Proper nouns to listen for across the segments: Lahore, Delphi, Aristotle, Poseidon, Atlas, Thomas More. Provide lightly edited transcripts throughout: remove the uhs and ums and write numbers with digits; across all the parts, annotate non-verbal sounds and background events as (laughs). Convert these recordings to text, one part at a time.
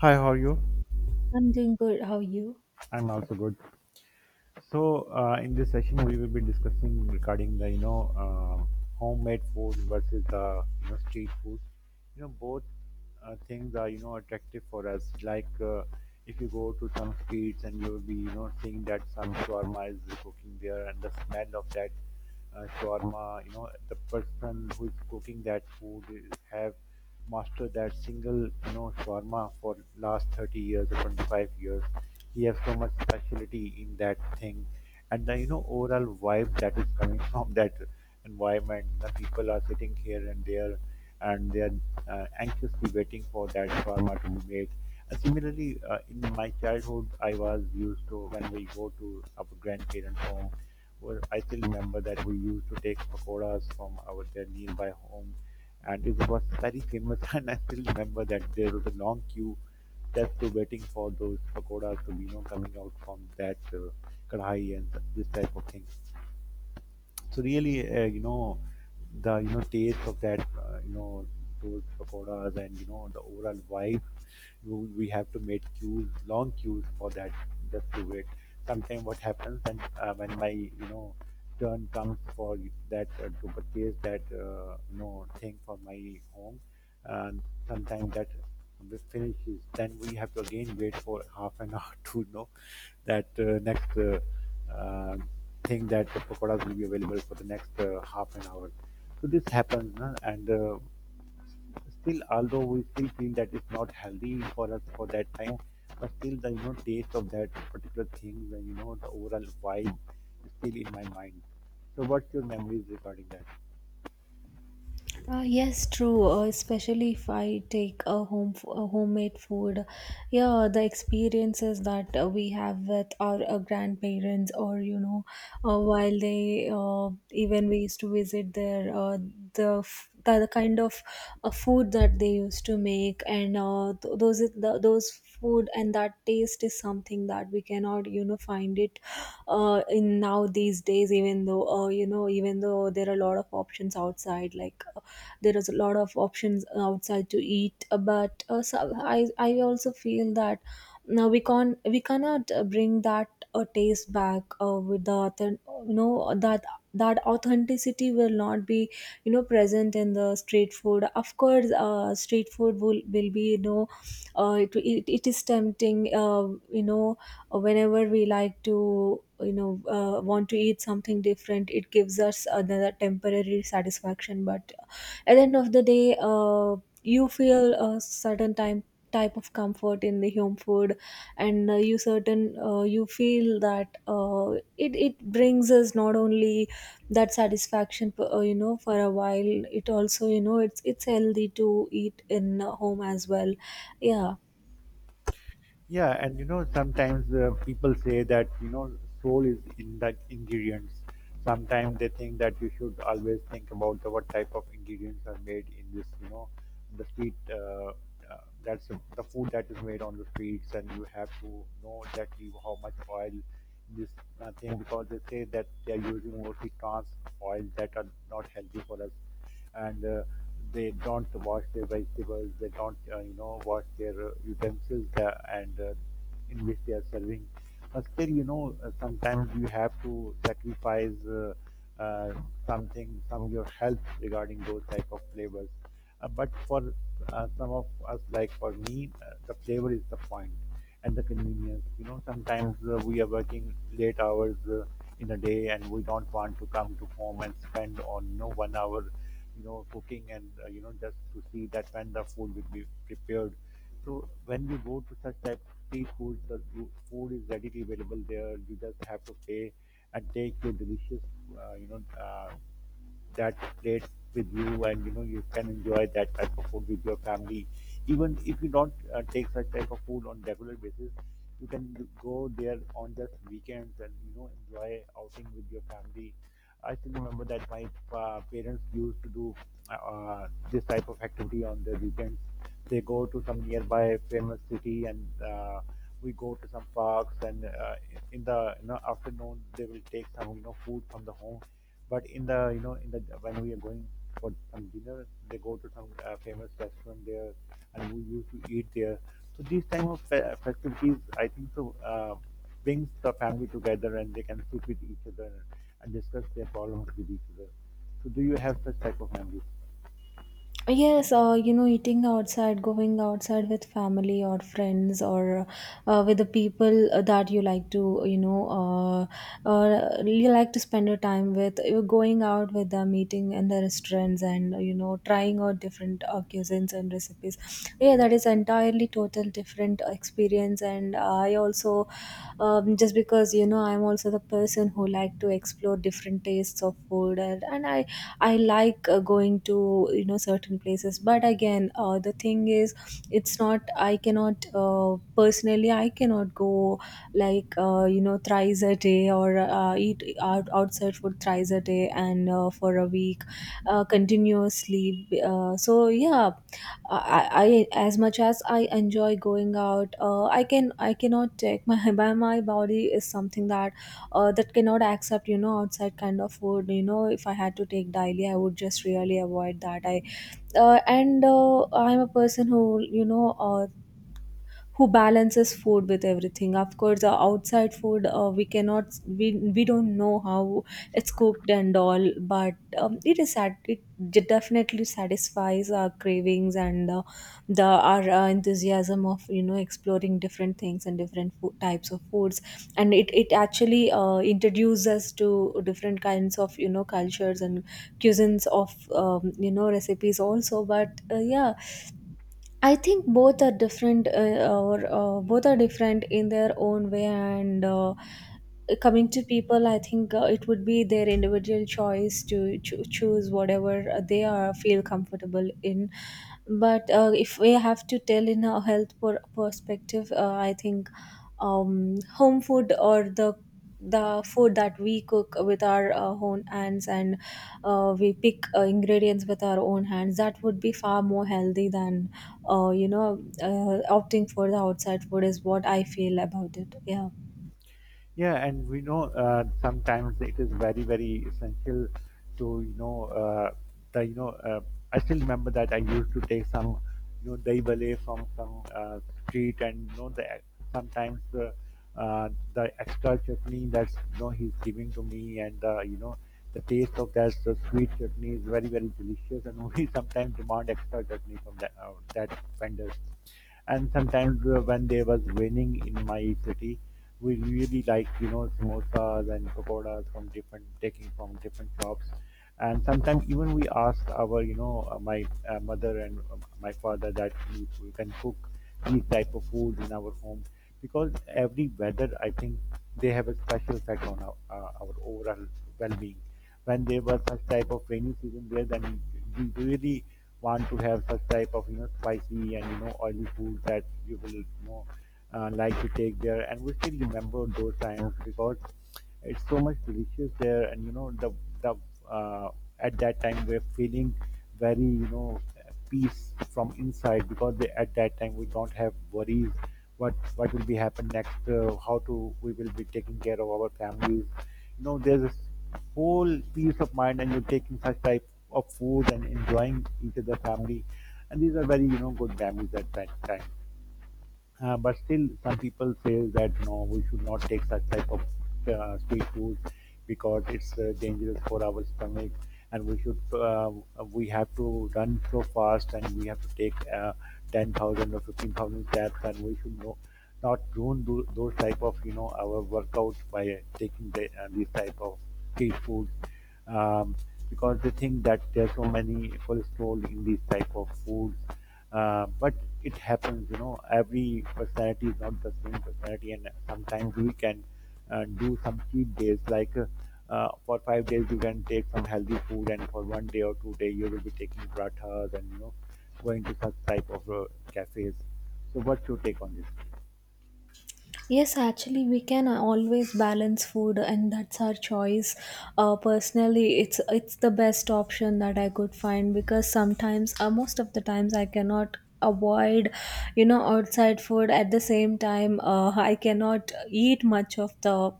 Hi, how are you? I'm doing good. How are you? I'm also good. So in this session, we will be discussing regarding the you know homemade food versus the street food. You know both things are attractive for us. Like if you go to some streets and you will be seeing that some shawarma is cooking there, and the smell of that shawarma, you know, the person who is cooking that have mastered that single shawarma for last 30 years or 25 years. He has so much specialty in that thing, and the overall vibe that is coming (laughs) from that environment. The people are sitting here and there, and they are anxiously waiting for that shawarma to be made. Similarly, in my childhood, I was used to, when we go to our grandparents' home, well, I still remember that we used to take pakoras from our their nearby home, and it was very famous. (laughs) And I still remember that there was a long queue, that's to waiting for those pakoras to be coming out from that kadhai and this type of thing. So really, the taste of that, those pakoras, and the overall vibe. We have to make queues, long queues, for that, just to wait. Sometimes what happens, and when my turn comes for that to purchase that thing for my home, and sometimes that finishes. Then we have to again wait for half an hour (laughs) to know that next. Uh, think that the pakoras will be available for the next half an hour. So this happens, na? And still, although we still feel that it's not healthy for us for that time, but still the taste of that particular thing, the you know the overall vibe, is still in my mind. So, what's your memories regarding that? Yes, true. Especially if I take a a homemade food, yeah, the experiences that we have with our grandparents, or you know, while they even we used to visit there, the, the kind of food that they used to make, and the, those food and that taste is something that we cannot you know find it in now these days even though you know even though there are a lot of options outside like there is a lot of options outside to eat but so I also feel that now we cannot bring that taste back with the you know that authenticity will not be you know present in the street food. Of course street food will be you know it is tempting, you know, whenever we like to you know want to eat something different, it gives us another temporary satisfaction, but at the end of the day, you feel a certain time type of comfort in the home food. And you certain you feel that it brings us not only that satisfaction for, you know, for a while, it also you know it's healthy to eat in home as well. Yeah. Yeah, and you know, sometimes people say that, you know, soul is in the ingredients. Sometimes they think that you should always think about what type of ingredients are made in this, you know, the street. That's the food that is made on the streets, and you have to know exactly how much oil this thing, because they say that they are using mostly trans oils that are not healthy for us, and they don't wash their vegetables, they don't, wash their utensils and in which they are serving. But still, you know, sometimes you have to sacrifice uh, something, some of your health, regarding those type of flavors. But for some of us, like for me, the flavor is the point, and the convenience. You know, sometimes we are working late hours in a day, and we don't want to come to home and spend on, you know, 1 hour cooking, and just to see that when the food will be prepared. So when you go to such type of street food, the food is readily available there. You just have to pay and take your delicious uh, you know uh, that plate with you, and you know, you can enjoy that type of food with your family. Even if you don't take such type of food on regular basis, you can go there on just weekends and, you know, enjoy outing with your family. I still remember that my parents used to do this type of activity on the weekends. They go to some nearby famous city, and we go to some parks, and in the, you know, afternoon, they will take some, you know, food from the home. But in the, you know, in the, when we are going for some dinner, they go to some famous restaurant there, and we used to eat there. So these time of festivities, I think so, brings the family together, and they can sit with each other and discuss their problems with each other. So do you have such type of memories? Yes, you know, eating outside, going outside with family or friends or with the people that you like to, you know, you like to spend your time with. You're going out with them, eating in the restaurants and, you know, trying out different cuisines and recipes. Yeah, that is entirely total different experience. And I also, just because, you know, I'm also the person who like to explore different tastes of food, and I like going to you know certain places, but again, the thing is, it's not. I cannot personally. I cannot go like you know thrice a day or eat out outside food thrice a day and for a week continuously. So yeah, I as much as I enjoy going out, I cannot take my (laughs) by my body is something that that cannot accept you know outside kind of food. You know, if I had to take daily I would just really avoid that I And I'm a person who you know who balances food with everything. Of course the outside food, we cannot we we don't know how it's cooked and all, but it is sat it definitely satisfies our cravings and the our enthusiasm of you know exploring different things and different food, types of foods. And it actually introduces us to different kinds of you know cultures and cuisines of you know recipes also, but yeah, I think both are different, or both are different in their own way. And coming to people, I think it would be their individual choice to choose whatever they are feel comfortable in. But if we have to tell in a health perspective, I think home food or the food that we cook with our own hands and we pick ingredients with our own hands, that would be far more healthy than opting for the outside food is what I feel about it. Yeah. Yeah, and we know, sometimes it is very, very essential to you know the you know I still remember that I used to take some, you know, dahi bale from some street, and you know, the sometimes the extra chutney that's, you know, he's giving to me, and you know, the taste of that, the sweet chutney, is very, very delicious, and (laughs) we sometimes demand extra chutney from that vendor. And sometimes when they was raining in my city, we really like, you know, samosas and pakoras from different, taking from different shops. And sometimes even we ask our, my mother and my father, that we can cook these type of food in our home, because every weather, I think, they have a special effect on our overall well-being. When they were such type of rainy season there, then we really want to have such type of, you know, spicy and, you know, oily food, that you will, you know, like to take there. And we still remember those times, because it's so much delicious there, and you know, the uh, at that time we're feeling very, you know, peace from inside, because at that time we don't have worries what will be happen next, how to we will be taking care of our families. You know, there's this whole peace of mind, and you're taking such type of food and enjoying each other family. And these are very, you know, good memories at that time. But still, some people say that no, we should not take such type of street food, because it's dangerous for our stomach, and we have to run so fast, and we have to take 10,000 or 15,000 steps, and we should no not ruin those type of, you know, our workouts by taking these type of street food, um, because they think that there's so many cholesterol in these type of foods. But it happens, you know, every personality is not the same personality, and sometimes we can do some cheat days. Like, for 5 days you can take some healthy food, and for 1 day or 2 day you will be taking pratas, and you know, going to such type of cafes. So, what's your take on this? Yes, actually, we can always balance food, and that's our choice. Personally, it's the best option that I could find because sometimes, most of the times, I cannot avoid, you know, outside food. At the same time, I cannot eat much of the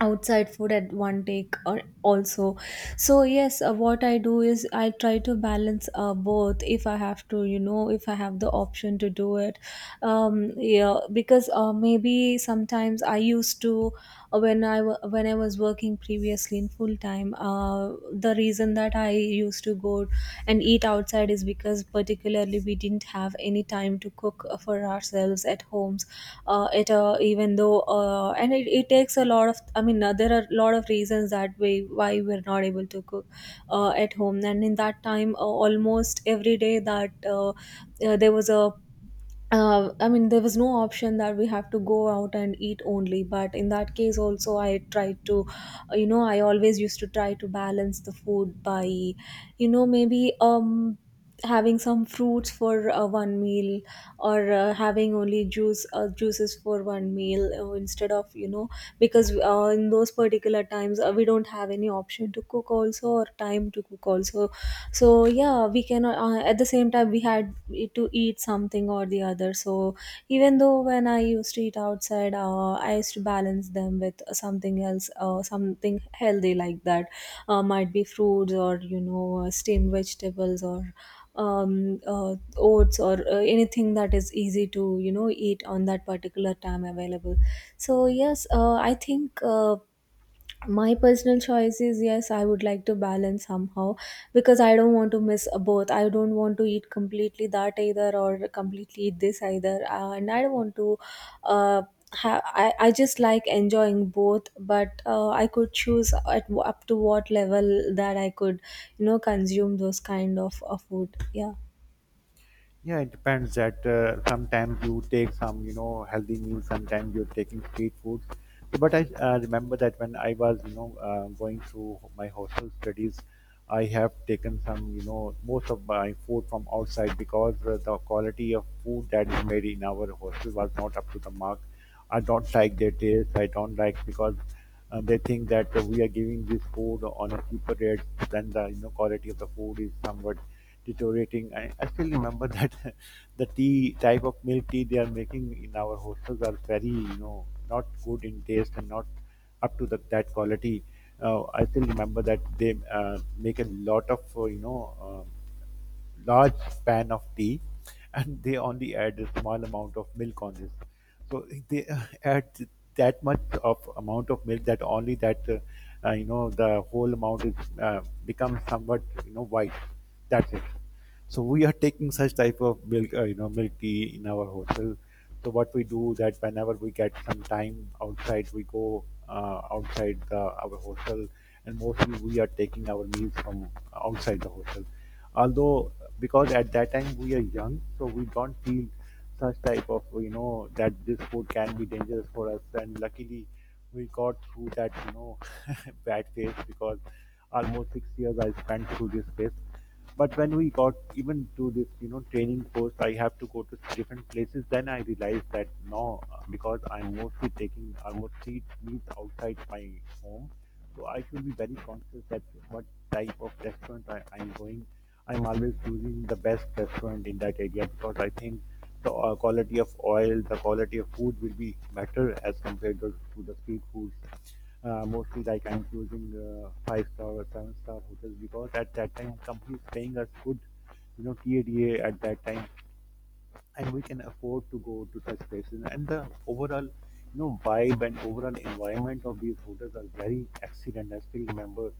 outside food at one take or also. So yes, what I do is I try to balance both, if I have to you know if I have the option to do it. Yeah, because maybe sometimes I used to when I when I was working previously in full time, the reason that I used to go and eat outside is because particularly we didn't have any time to cook for ourselves at home. It even though and it takes a lot of I mean, there are a lot of reasons that way why we're not able to cook at home. And in that time, almost every day that there was a I mean, there was no option that we have to go out and eat only. But in that case, also, I tried to, you know, I always used to try to balance the food by, you know, maybe having some fruits for one meal, or having only juices for one meal, instead of you know, because in those particular times, we don't have any option to cook also or time to cook also. So yeah, we cannot. At the same time we had to eat something or the other. So even though when I used to eat outside, I used to balance them with something else, something healthy like that, might be fruits or you know steamed vegetables or oats or anything that is easy to you know eat on that particular time available. So yes, I think my personal choice is yes I would like to balance somehow, because I don't want to miss both. I don't want to eat completely that either or completely eat this either, and I don't want to uh, I just like enjoying both, but I could choose at, up to what level that I could you know consume those kind of food. Yeah. Yeah, it depends that, sometimes you take some, you know, healthy meals, sometimes you're taking street food. So, but I, remember that when I was, you know, going through my hostel studies, I have taken some, you know, most of my food from outside, because the quality of food that is made in our hostel was not up to the mark. I don't like their taste. I don't like, because they think that we are giving this food on a cheaper rate, than the, you know, quality of the food is somewhat deteriorating. I still remember that (laughs) the tea, type of milk tea they are making in our hostels, are very, you know, not good in taste and not up to that quality. I still remember that they make a lot of, you know, large pan of tea, and they only add a small amount of milk on this. So they add that much of amount of milk that only that you know, the whole amount is becomes somewhat, you know, white. That's it. So we are taking such type of milk, you know, milk tea in our hotel. So what we do, that whenever we get some time outside, we go outside our hotel, and mostly we are taking our meals from outside the hotel. Although, because at that time we are young, so we don't feel such type of, you know, that this food can be dangerous for us. And luckily we got through that, you know, (laughs) bad phase, because almost 6 years I spent through this phase. But when we got even to this, you know, training post, I have to go to different places. Then I realized that no, because I'm mostly taking, I mostly eat outside my home. So I should be very conscious that what type of restaurant I'm going. I'm always choosing the best restaurant in that area, because I think the quality of oil, the quality of food, will be better as compared to the street food. Mostly, like, I'm choosing five star or seven-star hotels, because at that time company is paying us good, you know, TADA at that time, and we can afford to go to such places. And the overall, you know, vibe and overall environment of these hotels are very excellent. I still remember,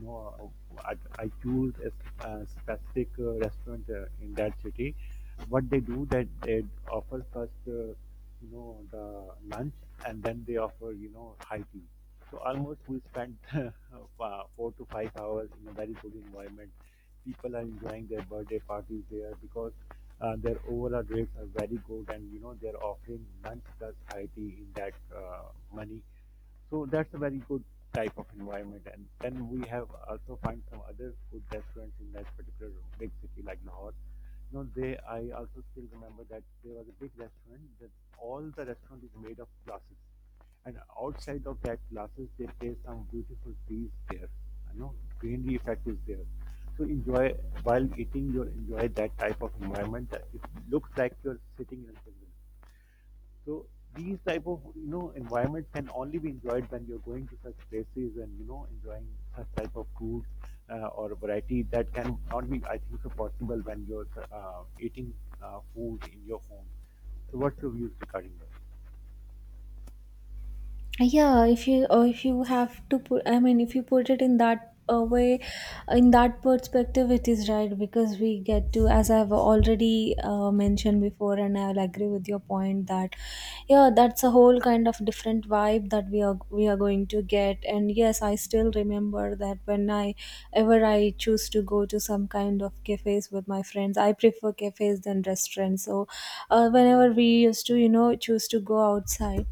you know, I choose a specific restaurant in that city. What they do, that they offer first, you know, the lunch, and then they offer, you know, high tea. So almost we spent (laughs) 4 to 5 hours in a very good environment. People are enjoying their birthday parties there, because their overall rates are very good, and you know, they're offering month plus IT in that money. So that's a very good type of environment. And then we have also find some other food restaurants in that particular big city like Lahore. You know, they, I also still remember that there was a big restaurant, that all the restaurant is made of glasses, and outside of that glasses they place some beautiful trees there. You know, greenery effect is there. So enjoy while eating, you enjoy that type of environment. That it looks like you're sitting in a jungle. So these type of, you know, environment can only be enjoyed when you're going to such places and, you know, enjoying such type of food, or a variety that can not be, I think so, possible when you're eating food in your home. So what's your views regarding that? Yeah, if you have to put I mean if you put it in that way, in that perspective it is right, because we get to as I've already mentioned before and I'll agree with your point that yeah, that's a whole kind of different vibe that we are going to get. And yes, I still remember that when I ever I choose to go to some kind of cafes with my friends, I prefer cafes than restaurants. So whenever we used to you know choose to go outside